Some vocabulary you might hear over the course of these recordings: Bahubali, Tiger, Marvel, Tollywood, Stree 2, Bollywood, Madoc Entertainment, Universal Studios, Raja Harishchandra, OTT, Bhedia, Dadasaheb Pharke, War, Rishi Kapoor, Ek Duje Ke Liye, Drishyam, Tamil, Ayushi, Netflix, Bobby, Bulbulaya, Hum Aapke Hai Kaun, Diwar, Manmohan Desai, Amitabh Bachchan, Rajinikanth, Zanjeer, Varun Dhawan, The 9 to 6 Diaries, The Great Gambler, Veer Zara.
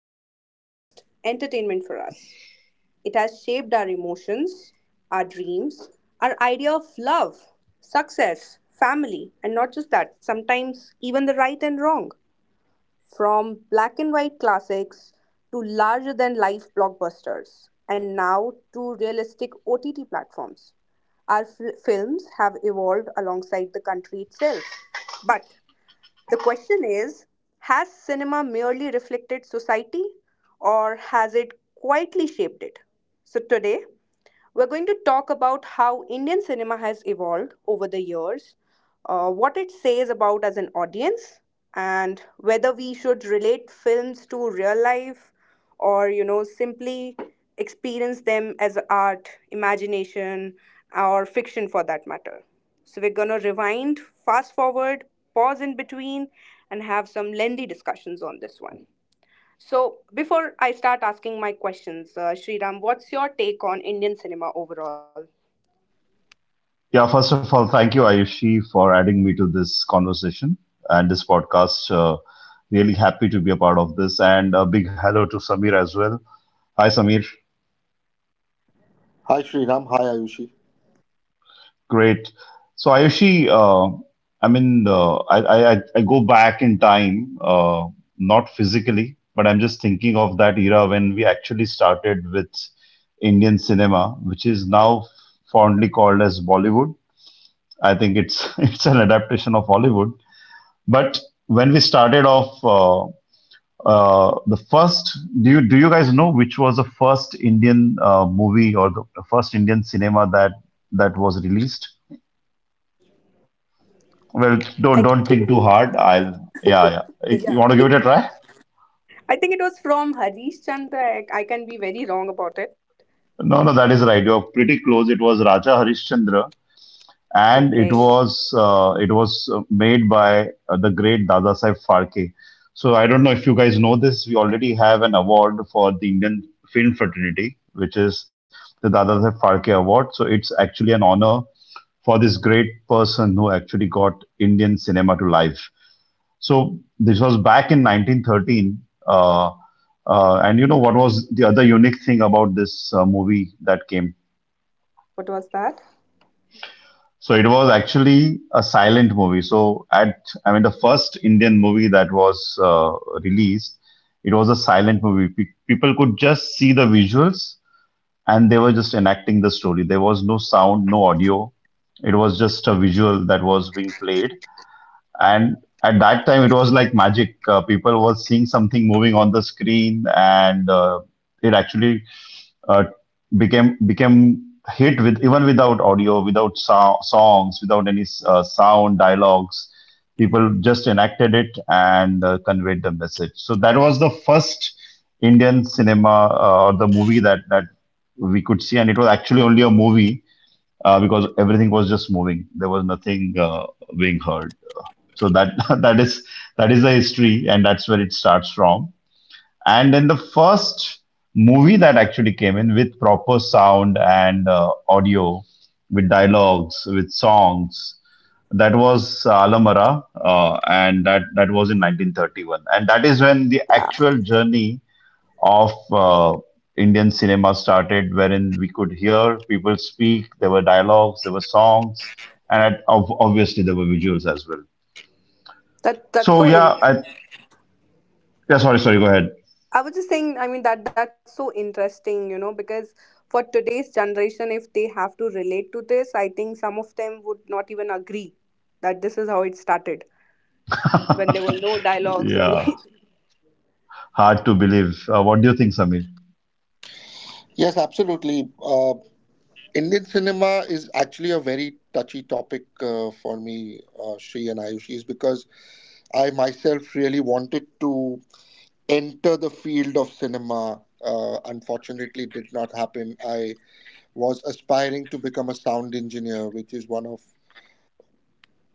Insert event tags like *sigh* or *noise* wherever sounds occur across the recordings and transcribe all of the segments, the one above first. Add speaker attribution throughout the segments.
Speaker 1: more than just entertainment for us. It has shaped our emotions, our dreams, our idea of love, success, family, and not just that, sometimes even the right and wrong. From black and white classics to larger than life blockbusters, and now to realistic OTT platforms, our films have evolved alongside the country itself. But the question is, has cinema merely reflected society or has it quietly shaped it? So today, we're going to talk about how Indian cinema has evolved over the years, what it says about as an audience, and whether we should relate films to real life or, simply experience them as art, imagination, or fiction for that matter. So we're going to rewind, fast forward, pause in between, and have some lengthy discussions on this one. So, before I start asking my questions, Sriram, what's your take on Indian cinema overall?
Speaker 2: Yeah, first of all, thank you, Ayushi, for adding me to this conversation and this podcast. Really happy to be a part of this. And a big hello to Samir as well. Hi, Samir.
Speaker 3: Hi, Sriram. Hi, Ayushi.
Speaker 2: Great. So, Ayushi, I go back in time, not physically, but I'm just thinking of that era when we actually started with Indian cinema, which is now fondly called as Bollywood. I think it's *laughs* it's an adaptation of Hollywood. But when we started off, the first do you guys know which was the first Indian movie or the first Indian cinema that was released? Well,
Speaker 1: I think,
Speaker 2: don't think too hard. I'll yeah,
Speaker 1: yeah,
Speaker 2: yeah. You want to give it a try?
Speaker 1: I think it was from Harish Chandra. I can be very wrong about it.
Speaker 2: No, no, that is right. You're pretty close. It was Raja Harishchandra, and
Speaker 1: Okay,
Speaker 2: it was made by the great Dadasaheb Pharke. So I don't know if you guys know this. We already have an award for the Indian film fraternity, which is the Dadasaheb Pharke Award. So it's actually an honor for this great person who actually got Indian cinema to life. So this was back in 1913. Uh, and you know what was the other unique thing about this movie that came?
Speaker 1: what was that?
Speaker 2: So it was actually a silent movie. So at the first Indian movie that was released, it was a silent movie. People could just see the visuals, and they were just enacting the story. There was no sound, no audio. It was just a visual that was being played. And at that time, it was like magic. People were seeing something moving on the screen, and uh, it actually uh, became became hit with, even without audio, without songs, without any sound dialogues. People just enacted it and conveyed the message. So that was the first Indian cinema or the movie that we could see, and it was actually only a movie because everything was just moving. There was nothing being heard. So that *laughs* that is that is the history, and that's where it starts from. And in the first movie that actually came in with proper sound and audio, with dialogues, with songs, that was Alamara, and that was in 1931. And that is when the
Speaker 1: Yeah,
Speaker 2: actual journey of Indian cinema started, wherein we could hear people speak, there were dialogues, there were songs, and at, obviously, there were visuals as well.
Speaker 1: that's
Speaker 2: So,
Speaker 1: so in.
Speaker 2: yeah, yeah, sorry, sorry, go ahead.
Speaker 1: I was just saying. I mean that's so interesting, you know, because for today's generation, if they have to relate to this, I think some of them would not even agree that this is how it started when there were no dialogues or *laughs*
Speaker 2: *laughs* Yeah.
Speaker 1: anything.
Speaker 2: Hard to believe. What do you think, Samir?
Speaker 3: Yes, absolutely. Indian cinema is actually a very touchy topic for me, Sri and Ayushi, is because I myself really wanted to enter the field of cinema. Unfortunately, it did not happen. I was aspiring to become a sound engineer, which is one of,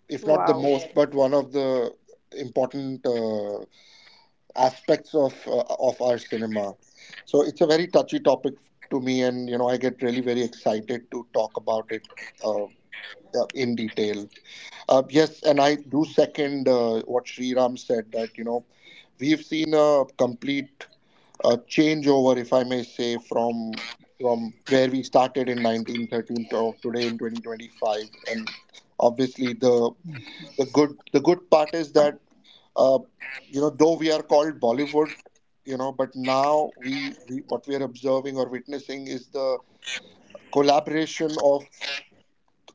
Speaker 3: if not the
Speaker 1: Wow.
Speaker 3: most, but one of the important. Aspects of our cinema. So it's a very touchy topic to me, and you know I get really very excited to talk about it uh, in detail. Yes, and I do second what Sri Ram said that you know we've seen a complete changeover, if I may say, from where we started in 1913 to today in 2025, and obviously the good part is that uh, you know, though we are called Bollywood, you know, but now we what we are observing or witnessing is the collaboration of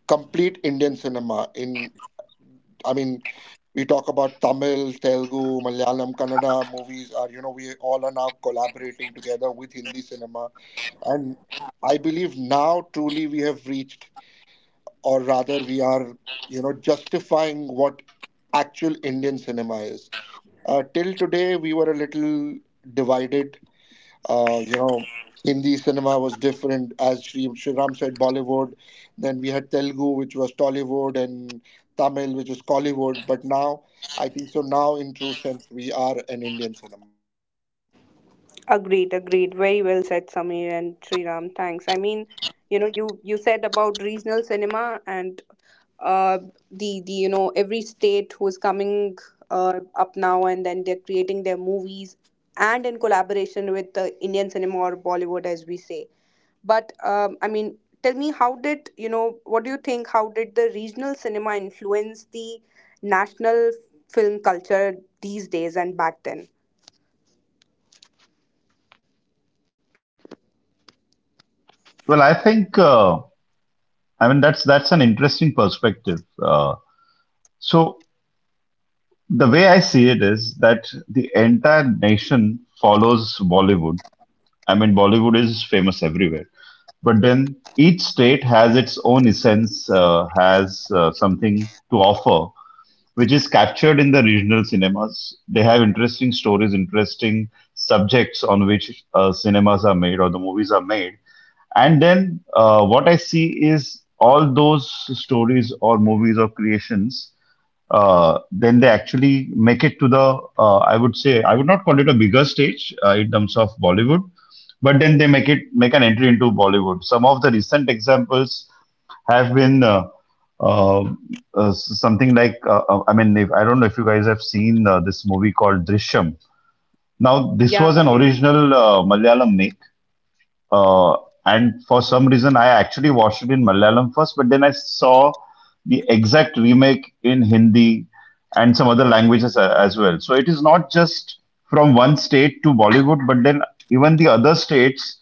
Speaker 3: complete Indian cinema. In I mean, we talk about Tamil, Telugu, Malayalam, Kannada movies. Are you know we all are now collaborating together with Hindi cinema, and I believe now truly we have reached, or rather we are you know justifying what actual Indian cinema is. Till today, we were a little divided. You know, Hindi cinema was different, as Shri Ram said, Bollywood. Then we had Telugu, which was Tollywood, and Tamil, which was Collywood. But now, I think so. Now, in true sense, we are an Indian cinema.
Speaker 1: Agreed, agreed. Very well said, Samir and Sriram. Thanks. I mean, you know, you said about regional cinema and uh, the you know, every state who's coming up now and then, they're creating their movies and in collaboration with the Indian cinema or Bollywood, as we say. But I mean, tell me, how did you know? What do you think? How did the regional cinema influence the national film culture these days and back then?
Speaker 2: Well, I think that's an interesting perspective. So the way I see it is that the entire nation follows Bollywood. I mean, Bollywood is famous everywhere, but then each state has its own essence, has something to offer, which is captured in the regional cinemas. They have interesting stories, interesting subjects on which cinemas are made or the movies are made. And then what I see is all those stories or movies or creations, then they actually make it to the, I would say, I would not call it a bigger stage in terms of Bollywood, but then they make it make an entry into Bollywood. Some of the recent examples have been uh, something like, I mean, if, I don't know if you guys have seen this movie called Drishyam. Now, this
Speaker 1: Yeah, I
Speaker 2: was an
Speaker 1: did.
Speaker 2: original Malayalam make, uh, and for some reason I actually watched it in Malayalam first, but then I saw the exact remake in Hindi and some other languages as well. So it is not just from one state to Bollywood, but then even the other states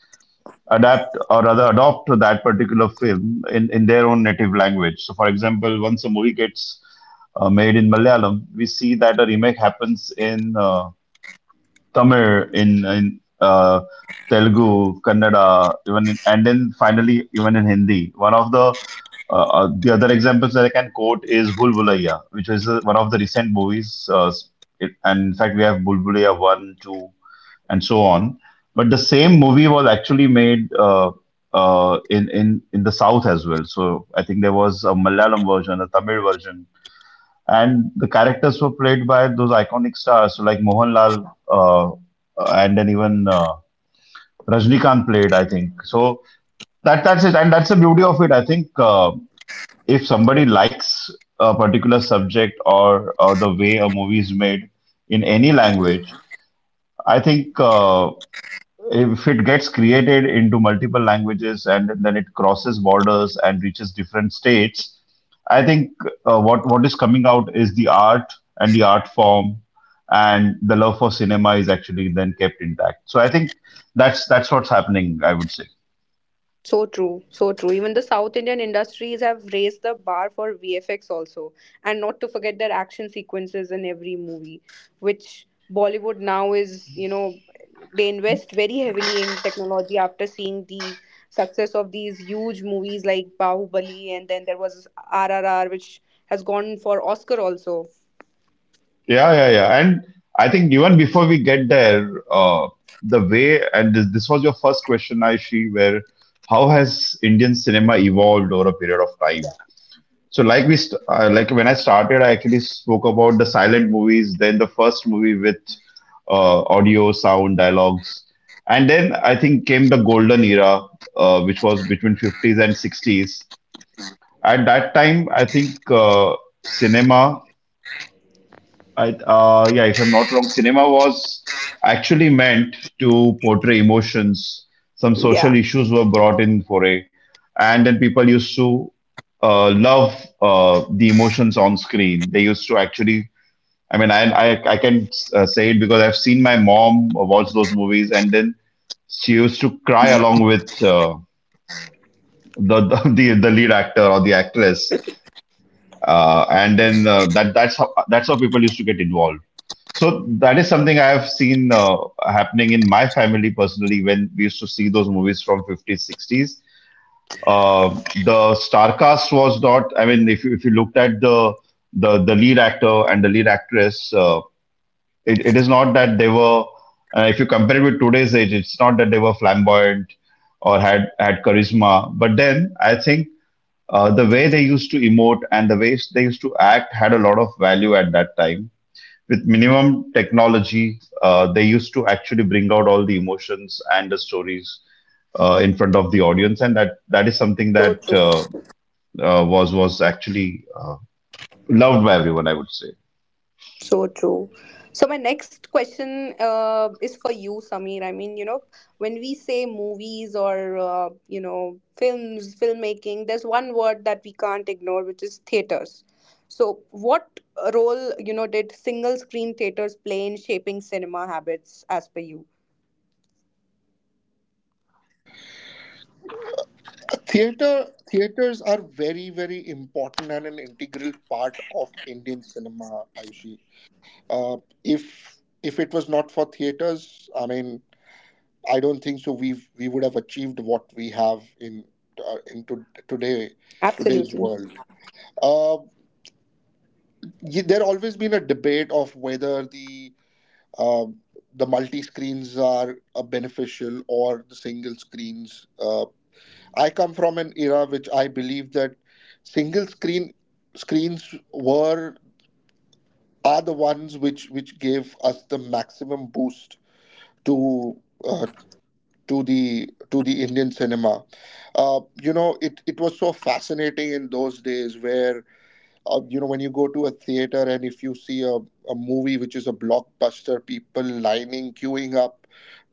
Speaker 2: adapt or rather adopt to that particular film in their own native language. So, for example, once a movie gets made in Malayalam, we see that a remake happens in Tamil, in Telugu, Kannada, even in, and then finally even in Hindi. One of the other examples that I can quote is Bulbulaya, which is one of the recent movies. It, and in fact, we have Bulbulaya one, two, and so on. But the same movie was actually made in the south as well. So I think there was a Malayalam version, a Tamil version, and the characters were played by those iconic stars, so like Mohanlal and then even Rajnikant played, I think. So that that's the beauty of it. I think if somebody likes a particular subject or the way a movie is made in any
Speaker 1: True.
Speaker 2: language, I think if it gets created into multiple languages and then it crosses borders and reaches different states, I think what is coming out is the art and the art form, and the love for cinema is actually then kept intact. So I think that's what's happening, I would say.
Speaker 1: So true, so true. Even the South Indian industries have raised the bar for VFX also, and not to forget their action sequences in every movie, which Bollywood now is, you know, they invest very heavily in technology after seeing the success of these huge movies like Bahubali, and then there was RRR, which has gone for Oscar also.
Speaker 2: Yeah, yeah, yeah. And I think even before we get there, the way, and this was your first question, Aishi, where how has Indian cinema evolved over a period of time? So, like we, like when I started, I actually spoke about the silent movies, then the first movie with audio, sound, dialogues, and then I think came the golden era, which was between 50s and 60s. At that time, I think cinema yeah, if I'm not wrong, cinema was actually meant to portray emotions. Some
Speaker 1: Yeah,
Speaker 2: social issues were brought in for a, and then people used to love the emotions on screen. They used to actually, I can say it because I've seen my mom watch those movies, and then she used to cry along with the, *laughs* the lead actor or the actress, and then that's how people used to get involved. So that is something I have seen happening in my family personally when we used to see those movies from 50s, 60s. The star cast was not, I mean, if you looked at the lead actor and the lead actress, it is not that they were. If you compare it with today's age, it's not that they were flamboyant or had charisma. But then I think the way they used to emote and the ways they used to act had a lot of value. At that time with minimum technology, they used to actually bring out all the emotions and the stories in front of the audience, and that is something
Speaker 1: so
Speaker 2: that
Speaker 1: true.
Speaker 2: was actually loved by everyone, I would say.
Speaker 1: So true. So my next question is for you, Sameer. I mean, you know, when we say movies or you know, films, filmmaking, there's one word that we can't ignore, which is theaters. So what role, you know, did single screen theaters play in shaping cinema habits, as per you?
Speaker 3: Theaters are very very important and an integral part of Indian cinema. Ayushi, uh, if if it was not for theaters, I mean, I don't think so. We would have achieved what we have in into today's
Speaker 1: Absolutely.
Speaker 3: world. Uh, there always been a debate of whether uh, the multi screens are beneficial or the single screens. I come from an era which I believe that single screens were are the ones which gave us the maximum boost to uh, to the Indian cinema. You know, it was so fascinating in those days where you know when you go to a theater and if you see a movie which is a blockbuster, people lining, queuing up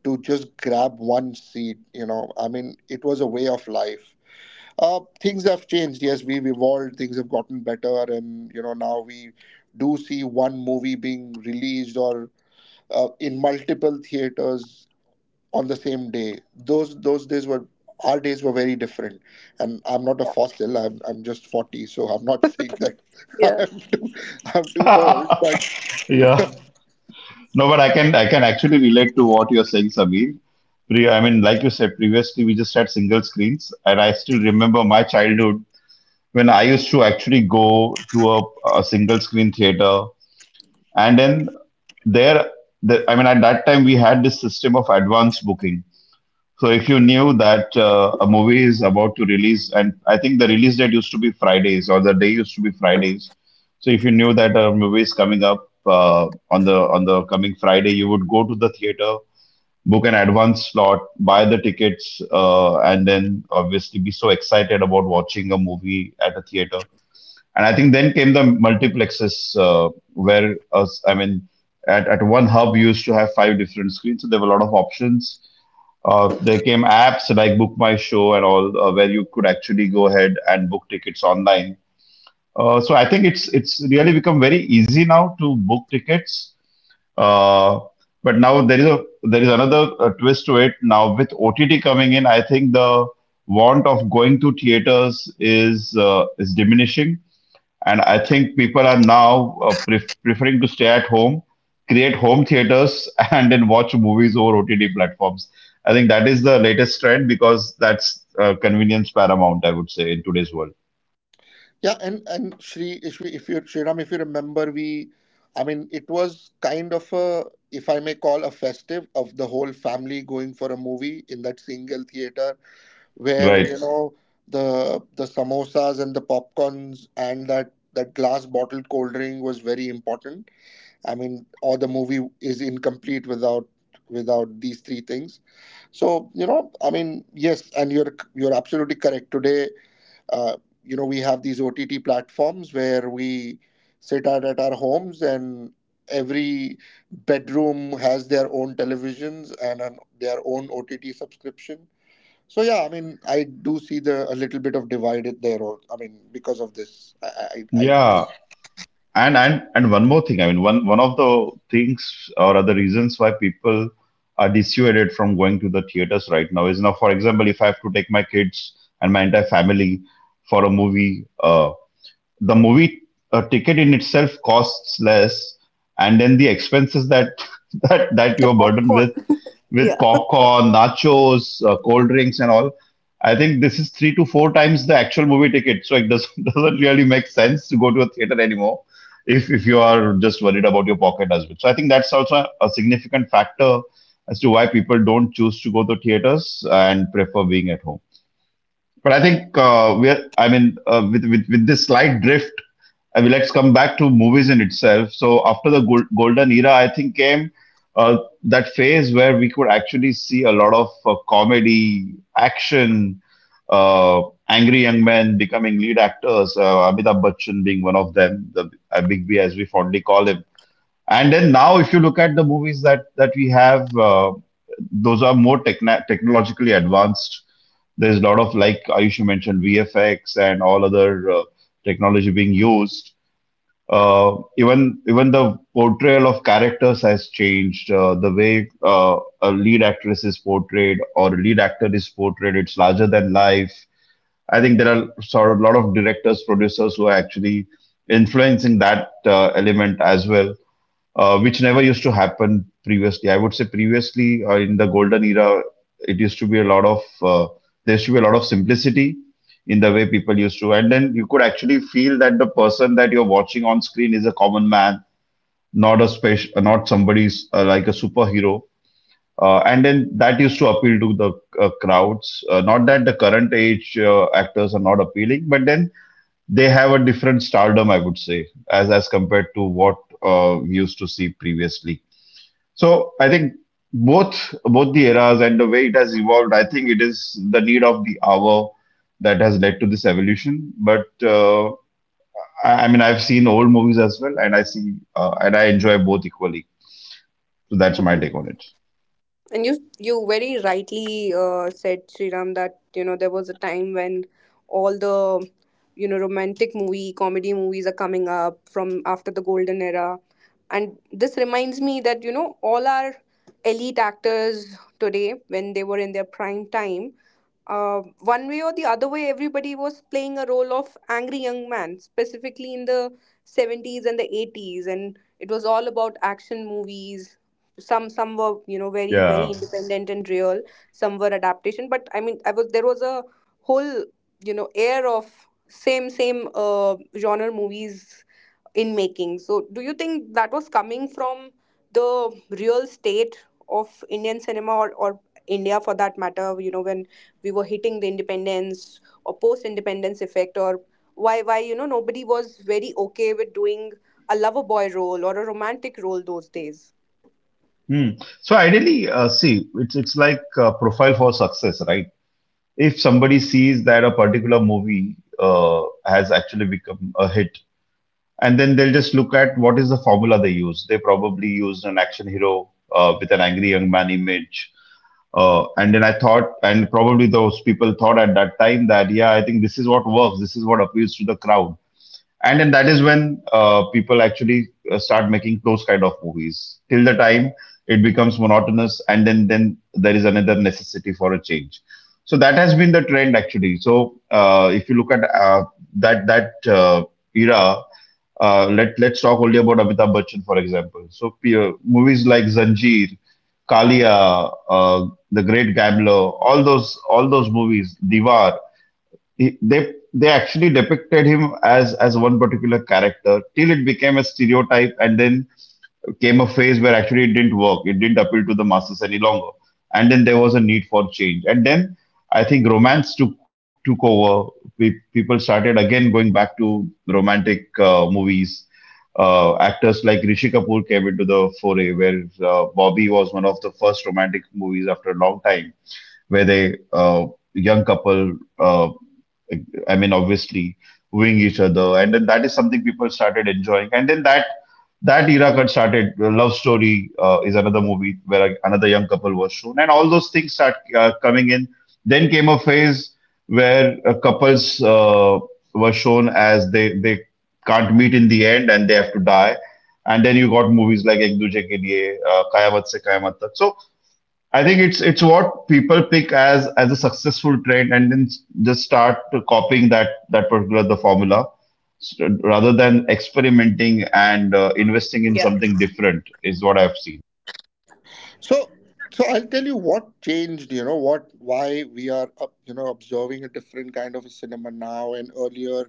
Speaker 3: to just grab one seat. You know, I mean, it was a way of life. Things have changed. Yes, we've evolved. Things have gotten better, and you know now we do see one movie being released or in multiple theaters on the same day. Those days were our days were very different. And I'm not a fossil. I'm just 40, so I'm not saying that *laughs*
Speaker 1: Yeah.
Speaker 3: I'm too I'm too old.
Speaker 2: *laughs*
Speaker 3: But
Speaker 2: Yeah.
Speaker 3: *laughs*
Speaker 2: No, but I can actually relate to what you're saying, Samir. Like you said previously, we just had single screens, and I still remember my childhood when I used to actually go to a single screen theater, and then there the, at that time we had this system of advance booking. So if you knew that a movie is about to release, and I think the release date used to be Fridays or the day used to be Fridays, so if you knew that a movie is coming up on the coming Friday, you would go to the theater, book an advance slot, buy the tickets, and then obviously be so excited about watching a movie at a theater. And I think then came the multiplexes, where us, I mean, at one hub you used to have five different screens, so there were a lot of options. There came apps like Book My Show and all, where you could actually go ahead and book tickets online. So I think it's really become very easy now to book tickets. Uh, but now there is a there is another twist to it. Now with OTT coming in, I think the want of going to theaters is diminishing, and I think people are now preferring to stay at home, create home theaters, *laughs* and then watch movies over OTT platforms. I think that is the latest trend because that's convenience paramount, I would say, in today's world.
Speaker 3: Yeah, and Shri, if you Shriram, if you remember, we, I mean, it was kind of a, if I may call, a festive of the whole family going for a movie in that single theater where
Speaker 2: Right.
Speaker 3: you know the samosas and the popcorns and that glass bottled cold drink was very important. I mean, or the movie is incomplete without these three things. So, you know, I mean, yes, and you're absolutely correct. Today, uh, you know, we have these OTT platforms where we sit out at our homes and every bedroom has their own televisions and an, their own OTT subscription. So yeah, I mean, I do see the a little bit of divide it there. I mean, because of this, I do.
Speaker 2: Yeah. And one more thing. One of the things or other reasons why people are dissuaded from going to the theaters right now is now, for example, if I have to take my kids and my entire family for a movie. The movie ticket in itself costs less, and then the expenses that *laughs* that
Speaker 1: The
Speaker 2: that you are burdened
Speaker 1: popcorn.
Speaker 2: with
Speaker 1: *laughs*
Speaker 2: popcorn, nachos, cold drinks, and all. I think this is three to four times the actual movie ticket, so it doesn't *laughs* doesn't really make sense to go to a theater anymore if you are just worried about your pocket as well. So I think that's also a significant factor as to why people don't choose to go to theaters and prefer being at home. But I think we are, I mean, with this slight drift, I mean, let's come back to movies in itself. So after the golden era, I think came uh, that phase where we could actually see a lot of comedy, action, uh, angry young men becoming lead actors. Amitabh Bachchan being one of them, the Big B as we fondly call him. And then now, if you look at the movies that we have, those are more techna technologically advanced. There's a lot of, like Ayush you mentioned, VFX and all other technology being used. Even the portrayal of characters has changed. The way a lead actress is portrayed or a lead actor is portrayed, it's larger than life. I think there are sort of a lot of directors, producers who are actually influencing that element as well, which never used to happen previously. I would say previously in the golden era, it used to be a lot of there used to be a lot of simplicity in the way people used to, and then you could actually feel that the person that you're watching on screen is a common man, not a special, not somebody's like a superhero. And then that used to appeal to the crowds. Not that the current age actors are not appealing, but then they have a different stardom, I would say, as compared to what we used to see previously. So I think both the eras and the way it has evolved, I think it is the need of the hour that has led to this evolution. But I mean, I've seen old movies as well, and I see and I enjoy both equally. So that's my take on it.
Speaker 1: And you very rightly said, Sriram, that you know there was a time when all the you know romantic movie, comedy movies are coming up from after the golden era, and this reminds me that you know all our elite actors today, when they were in their prime time, one way or the other way, everybody was playing a role of angry young man, specifically in the 70s and the 80s, and it was all about action movies. Some were you know very very
Speaker 2: Yeah.
Speaker 1: independent and real. Some were adaptation, but I mean, I was there was a whole you know air of same same genre movies in making. So, do you think that was coming from the real state of Indian cinema or India for that matter, you know, when we were hitting the independence or post independence effect? Or why you know nobody was very okay with doing a lover boy role or a romantic role those days?
Speaker 2: Hmm. So ideally, see, it's like a profile for success, right? If somebody sees that a particular movie has actually become a hit, and then they'll just look at what is the formula they use. They probably used an action hero with an angry young man image. And then I thought, and probably those people thought at that time that, yeah, I think this is what works, this is what appeals to the crowd. And then that is when people actually start making those kind of movies. Till the time it becomes monotonous, and then there is another necessity for a change. So that has been the trend actually. So if you look at that that era, let's talk only about Amitabh Bachchan, for example. So movies like Zanjeer, Kalia, The Great Gambler, all those movies, Diwar, they actually depicted him as one particular character till it became a stereotype, and then came a phase where actually it didn't work. It didn't appeal to the masses any longer. And then there was a need for change. And then I think romance took over. People started again going back to romantic movies. Actors like Rishi Kapoor came into the foray, where Bobby was one of the first romantic movies after a long time, where they young couple, I mean, obviously wooing each other, and then that is something people started enjoying, and then that era got started. Love Story is another movie where another young couple was shown, and all those things start coming in. Then came a phase where couples were shown as they can't meet in the end and they have to die. And then you got movies like Ek Duje Ke Liye, Kayamat Se Kayamat Tak. So I think it's what people pick as a successful trend and then s- just start to copying that particular the formula s- rather than experimenting and investing in something different is what I've seen.
Speaker 3: so so I'll tell you what changed. You know what why we are up, you know observing a different kind of a cinema now and earlier.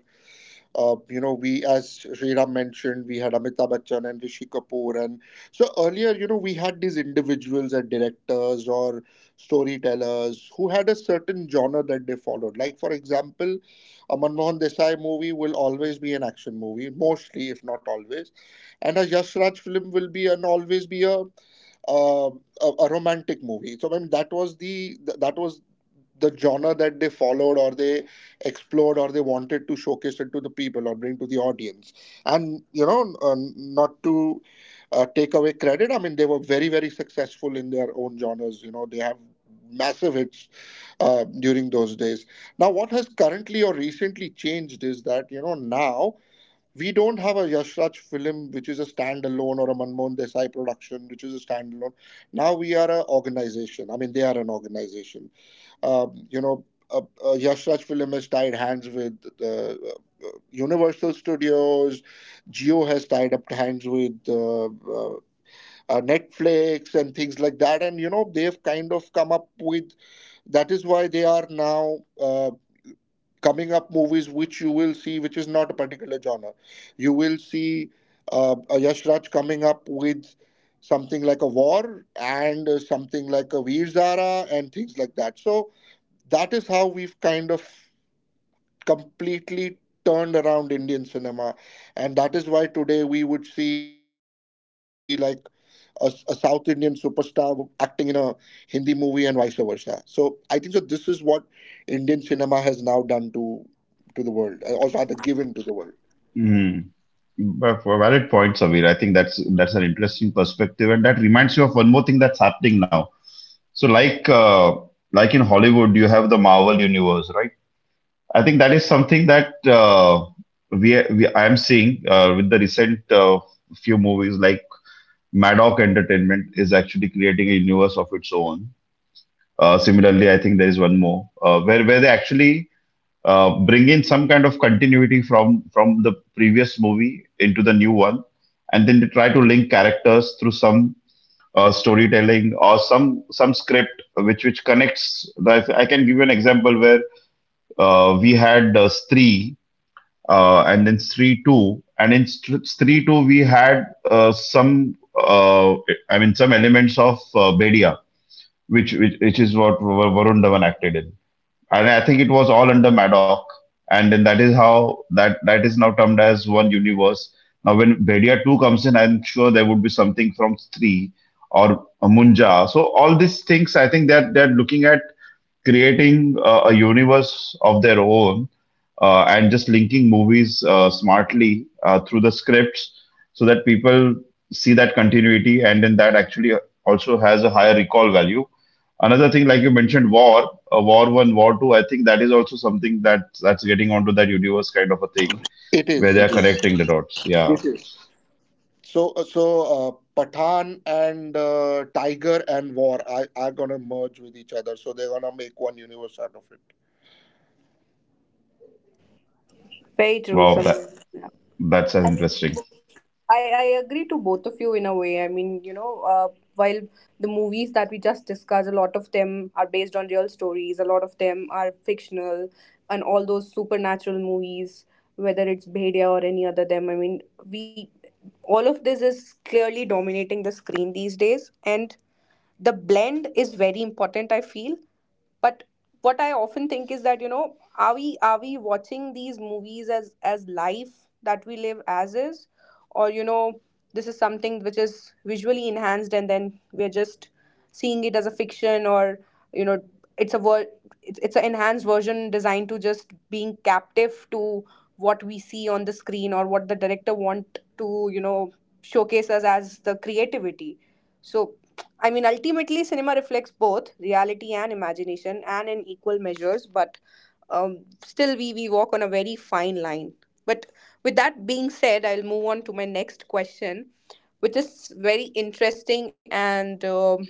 Speaker 3: You know, we, as Sriram mentioned, we had Amitabh Bachchan and Rishi Kapoor. And so earlier, you know, we had these individuals and directors or storytellers who had a certain genre that they followed. Like, for example, a Manmohan Desai movie will always be an action movie, mostly, if not always. And a Yash Raj film will be and always be a uh, a romantic movie. So I mean that was that was the genre that they followed or they explored or they wanted to showcase it to the people or bring to the audience, and you know not to take away credit, I mean they were very very successful in their own genres, you know they have massive hits during those days. Now what has currently or recently changed is that you know now we don't have a Yash Raj film which is a standalone or a Manmohan Desai production which is a standalone. Now we are an organization. I mean, they are an organization. You know, Yash Raj Film has tied hands with Universal Studios. Geo has tied up hands with Netflix and things like that. And, you know, they've kind of come up with, that is why they are now coming up movies which you will see, which is not a particular genre. You will see a Yash Raj coming up with something like a war and something like a Veer Zara and things like that. So, that is how we've kind of completely turned around Indian cinema. And that is why today we would see like a South Indian superstar acting in a Hindi movie and vice versa. So I think so this is what Indian cinema has now done to the world, or rather given to the world.
Speaker 2: Mm. But for valid point, Savir. I think that's an interesting perspective, and that reminds you of one more thing that's happening now. So, like in Hollywood, you have the Marvel universe, right? I think that is something that we I am seeing with the recent few movies like Madoc Entertainment is actually creating a universe of its own. Similarly, I think there is one more where they actually bring in some kind of continuity from the previous movie into the new one, and then they try to link characters through some storytelling or some script which connects. Like I can give you an example where we had Stree and then Stree 2, and in Stree 2 we had some I mean some elements of Bedia, which is what Varun Dhawan acted in, and I think it was all under Madoc, and then that is how that that is now termed as one universe. Now, when Bedia two comes in, I'm sure there would be something from three or Munja. So all these things, I think that they're looking at creating a universe of their own, and just linking movies smartly through the scripts so that people see that continuity and then that actually also has a higher recall value. Another thing, like you mentioned, war 1, war 2, I think that is also something that that's getting onto that universe kind of a thing
Speaker 3: It
Speaker 2: where
Speaker 3: is.
Speaker 2: they are
Speaker 3: It is.
Speaker 2: connecting the dots. Yeah,
Speaker 3: So uh, Pathan and Tiger and War are gonna merge with each other. So they're gonna make one universe out of it.
Speaker 2: wow.
Speaker 1: Very
Speaker 2: that.
Speaker 1: true. Some.
Speaker 2: That's uh, interesting. *laughs*
Speaker 1: I agree to both of you in a way. I mean, you know, while the movies that we just discussed, a lot of them are based on real stories, a lot of them are fictional, and all those supernatural movies, whether it's Bhedia or any other them, I mean, we all of this is clearly dominating the screen these days, and the blend is very important, I feel. But what I often think is that you know, are we watching these movies as life that we live as is, or you know this is something which is visually enhanced and then we're just seeing it as a fiction, or you know it's a it's an enhanced version designed to just being captive to what we see on the screen or what the director want to you know showcase us as the creativity. So I mean, ultimately, cinema reflects both reality and imagination, and in equal measures. But still, we walk on a very fine line. But with that being said, I'll move on to my next question, which is very interesting, and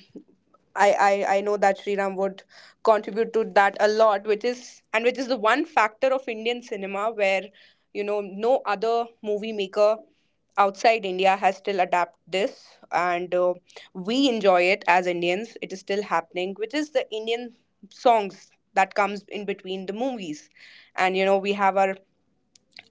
Speaker 1: I, I know that Sriram would contribute to that a lot, which is, and which is the one factor of Indian cinema where you know no other movie maker outside India has still adapted this, and we enjoy it as Indians. It is still happening, which is the Indian songs that comes in between the movies, and you know, we have our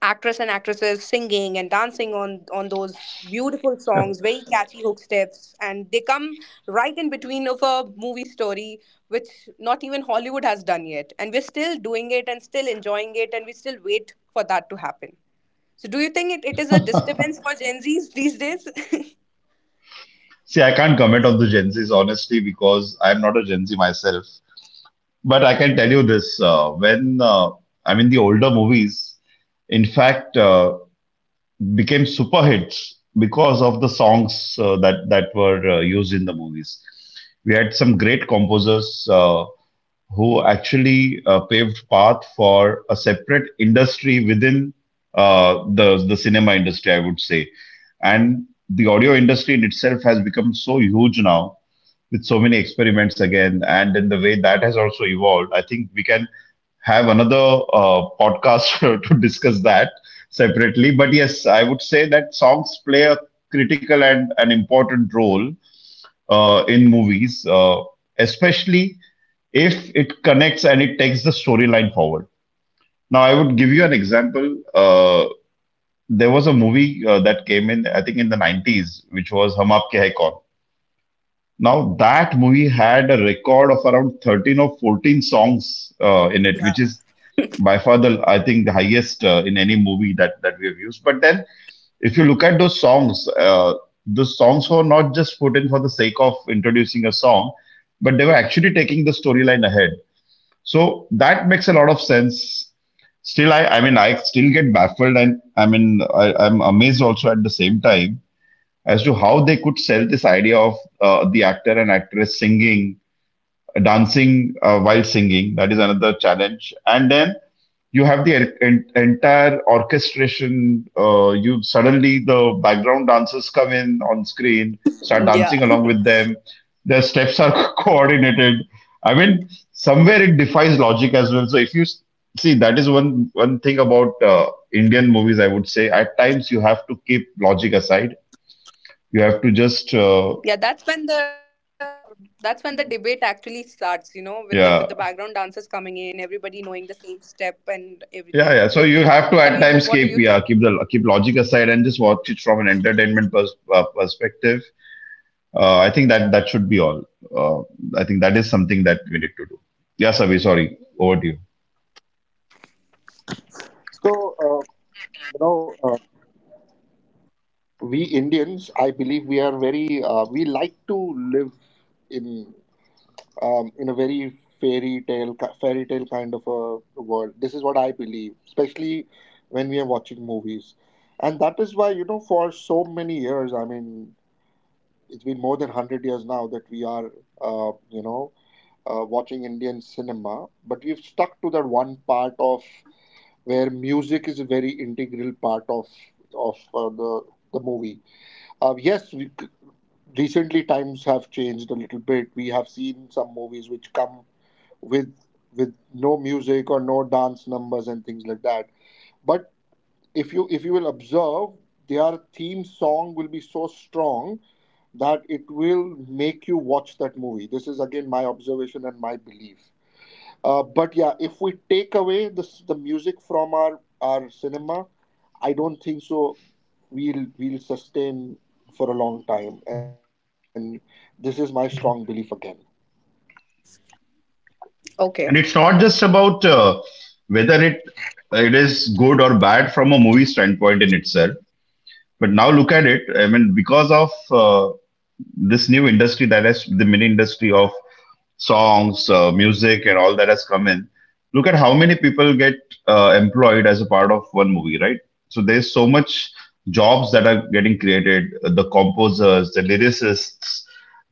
Speaker 1: actress and actresses singing and dancing on those beautiful songs, very catchy hook steps, and they come right in between of a movie story, which not even Hollywood has done yet, and we're still doing it and still enjoying it, and we still wait for that to happen. So do you think it is a disturbance for Gen Zs these days?
Speaker 2: See, I can't comment on the Gen Zs honestly because I'm not a Gen Z myself. But I can tell you this: when I mean, the older movies, in fact, became super hits because of the songs that were used in the movies. We had some great composers, who actually paved path for a separate industry within the cinema industry, I would say. And the audio industry in itself has become so huge now with so many experiments again, and in the way that has also evolved. I think we can have another podcast *laughs* to discuss that separately. But yes, I would say that songs play a critical and an important role in movies, especially if it connects and it takes the storyline forward. Now, I would give you an example. There was a movie that came in, I think, in the 90s, which was Hum Aapke Hai Kaun. Now, that movie had a record of around 13 or 14 songs in it, which is by far the, I think, the highest in any movie that we have used. But then, if you look at those songs, the songs were not just put in for the sake of introducing a song, but they were actually taking the storyline ahead. So that makes a lot of sense. Still, I mean, I still get baffled, and I mean, I'm amazed also at the same time as to how they could sell this idea of the actor and actress singing, dancing while singing. That is another challenge. And then you have the entire orchestration. You suddenly the background dancers come in on screen, start dancing
Speaker 1: *laughs* Yeah.
Speaker 2: along with them. Their steps are *laughs* coordinated. I mean, somewhere it defies logic as well. So if you see, that is one thing about Indian movies. I would say at times you have to keep logic aside. You have to
Speaker 1: Yeah,
Speaker 2: just
Speaker 1: that's when the debate actually starts, you know, with the background dancers coming
Speaker 2: yeah.
Speaker 1: in, everybody knowing the same step and everything. So
Speaker 2: Yeah, yeah.
Speaker 1: Sameer,
Speaker 2: So you
Speaker 1: what do you
Speaker 2: have to
Speaker 1: think?
Speaker 2: at times keep, yeah, keep logic aside and just watch it from an entertainment perspective. I think that should be all. Uh, I think that is something that we need to do. Yeah, Sabi, sorry, over to you.
Speaker 3: So, uh, you know, we Indians, I believe we are very, we like to live in in a very fairy tale kind of a world. This is what I believe, especially when we are watching movies, and that is why you know, for so many years, I mean, it's been more than hundred years now that we are, you know, watching Indian cinema, but we've stuck to that one part of where music is a very integral part of the movie. Yes, recently times have changed a little bit. We have seen some movies which come with no music or no dance numbers and things like that. But if you will observe, their theme song will be so strong that it will make you watch that movie. This is again my observation and my belief. But yeah, if we take away this, the music from our cinema, I don't think so. We'll sustain for a long time, and this is my strong belief again.
Speaker 1: Okay.
Speaker 2: And it's not just about whether it is good or bad from a movie standpoint in itself. But now look at it. I mean, because of this new industry that has, the mini industry of songs, music, and all that has come in. Look at how many people get employed as a part of one movie, right? So there's so much jobs that are getting created: the composers, the lyricists,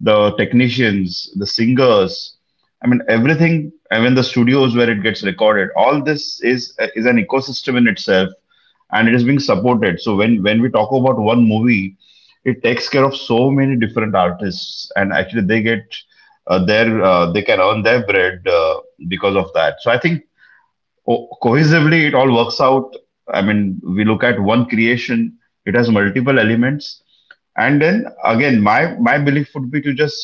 Speaker 2: the technicians, the singers. I mean, everything. I mean, the studios where it gets recorded. All this is an ecosystem in itself, and it is being supported. So when we talk about one movie, it takes care of so many different artists, and actually they get their they can earn their bread because of that. So I think cohesively it all works out. I mean, we look at one creation; it has multiple elements, and then again, my belief would be to just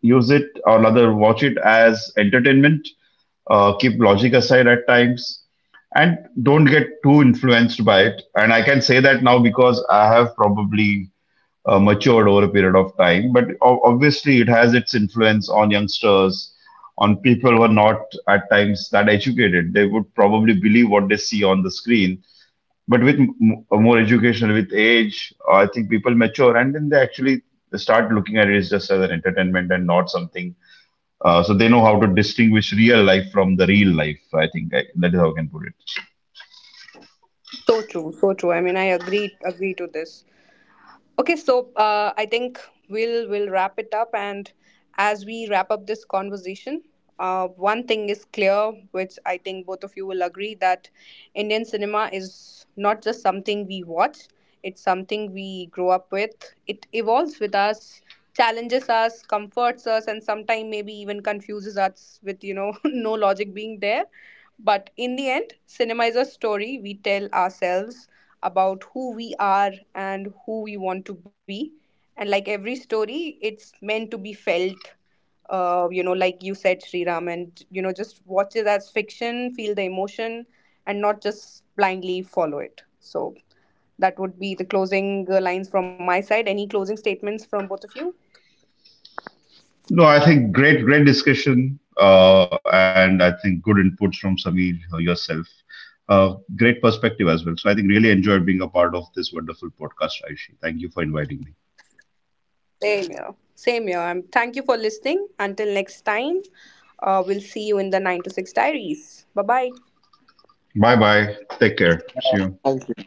Speaker 2: use it or rather watch it as entertainment. Keep logic aside at times, and don't get too influenced by it. And I can say that now because I have probably matured over a period of time. But obviously, it has its influence on youngsters, on people who are not at times that educated. They would probably believe what they see on the screen. But with more education, with age, I think people mature and then they actually start looking at it as just as an entertainment and not something. So they know how to distinguish real life from the real life. I think I, that is how I can put it.
Speaker 1: So true, so true. I mean, I agree to this. Okay, so I think we'll wrap it up, and as we wrap up this conversation, one thing is clear, which I think both of you will agree, that Indian cinema is not just something we watch; it's something we grow up with. It evolves with us, challenges us, comforts us, and sometimes maybe even confuses us with you know *laughs* no logic being there. But in the end, cinema is a story we tell ourselves about who we are and who we want to be. And like every story, it's meant to be felt. You know, like you said, Sri Ram, and you know, just watch it as fiction, feel the emotion, and not just blindly follow it. So that would be the closing lines from my side. Any closing statements from both of you?
Speaker 2: No, I think great, great discussion, and I think good inputs from Sameer, yourself. Great perspective as well. So I think really enjoyed being a part of this wonderful podcast, Aishi. Thank you for inviting me.
Speaker 1: Same here. Same here. Thank you for listening. Until next time, we'll see you in the 9 to 6 Diaries. Bye bye.
Speaker 2: Bye bye. Take care. See you.
Speaker 3: Thank you.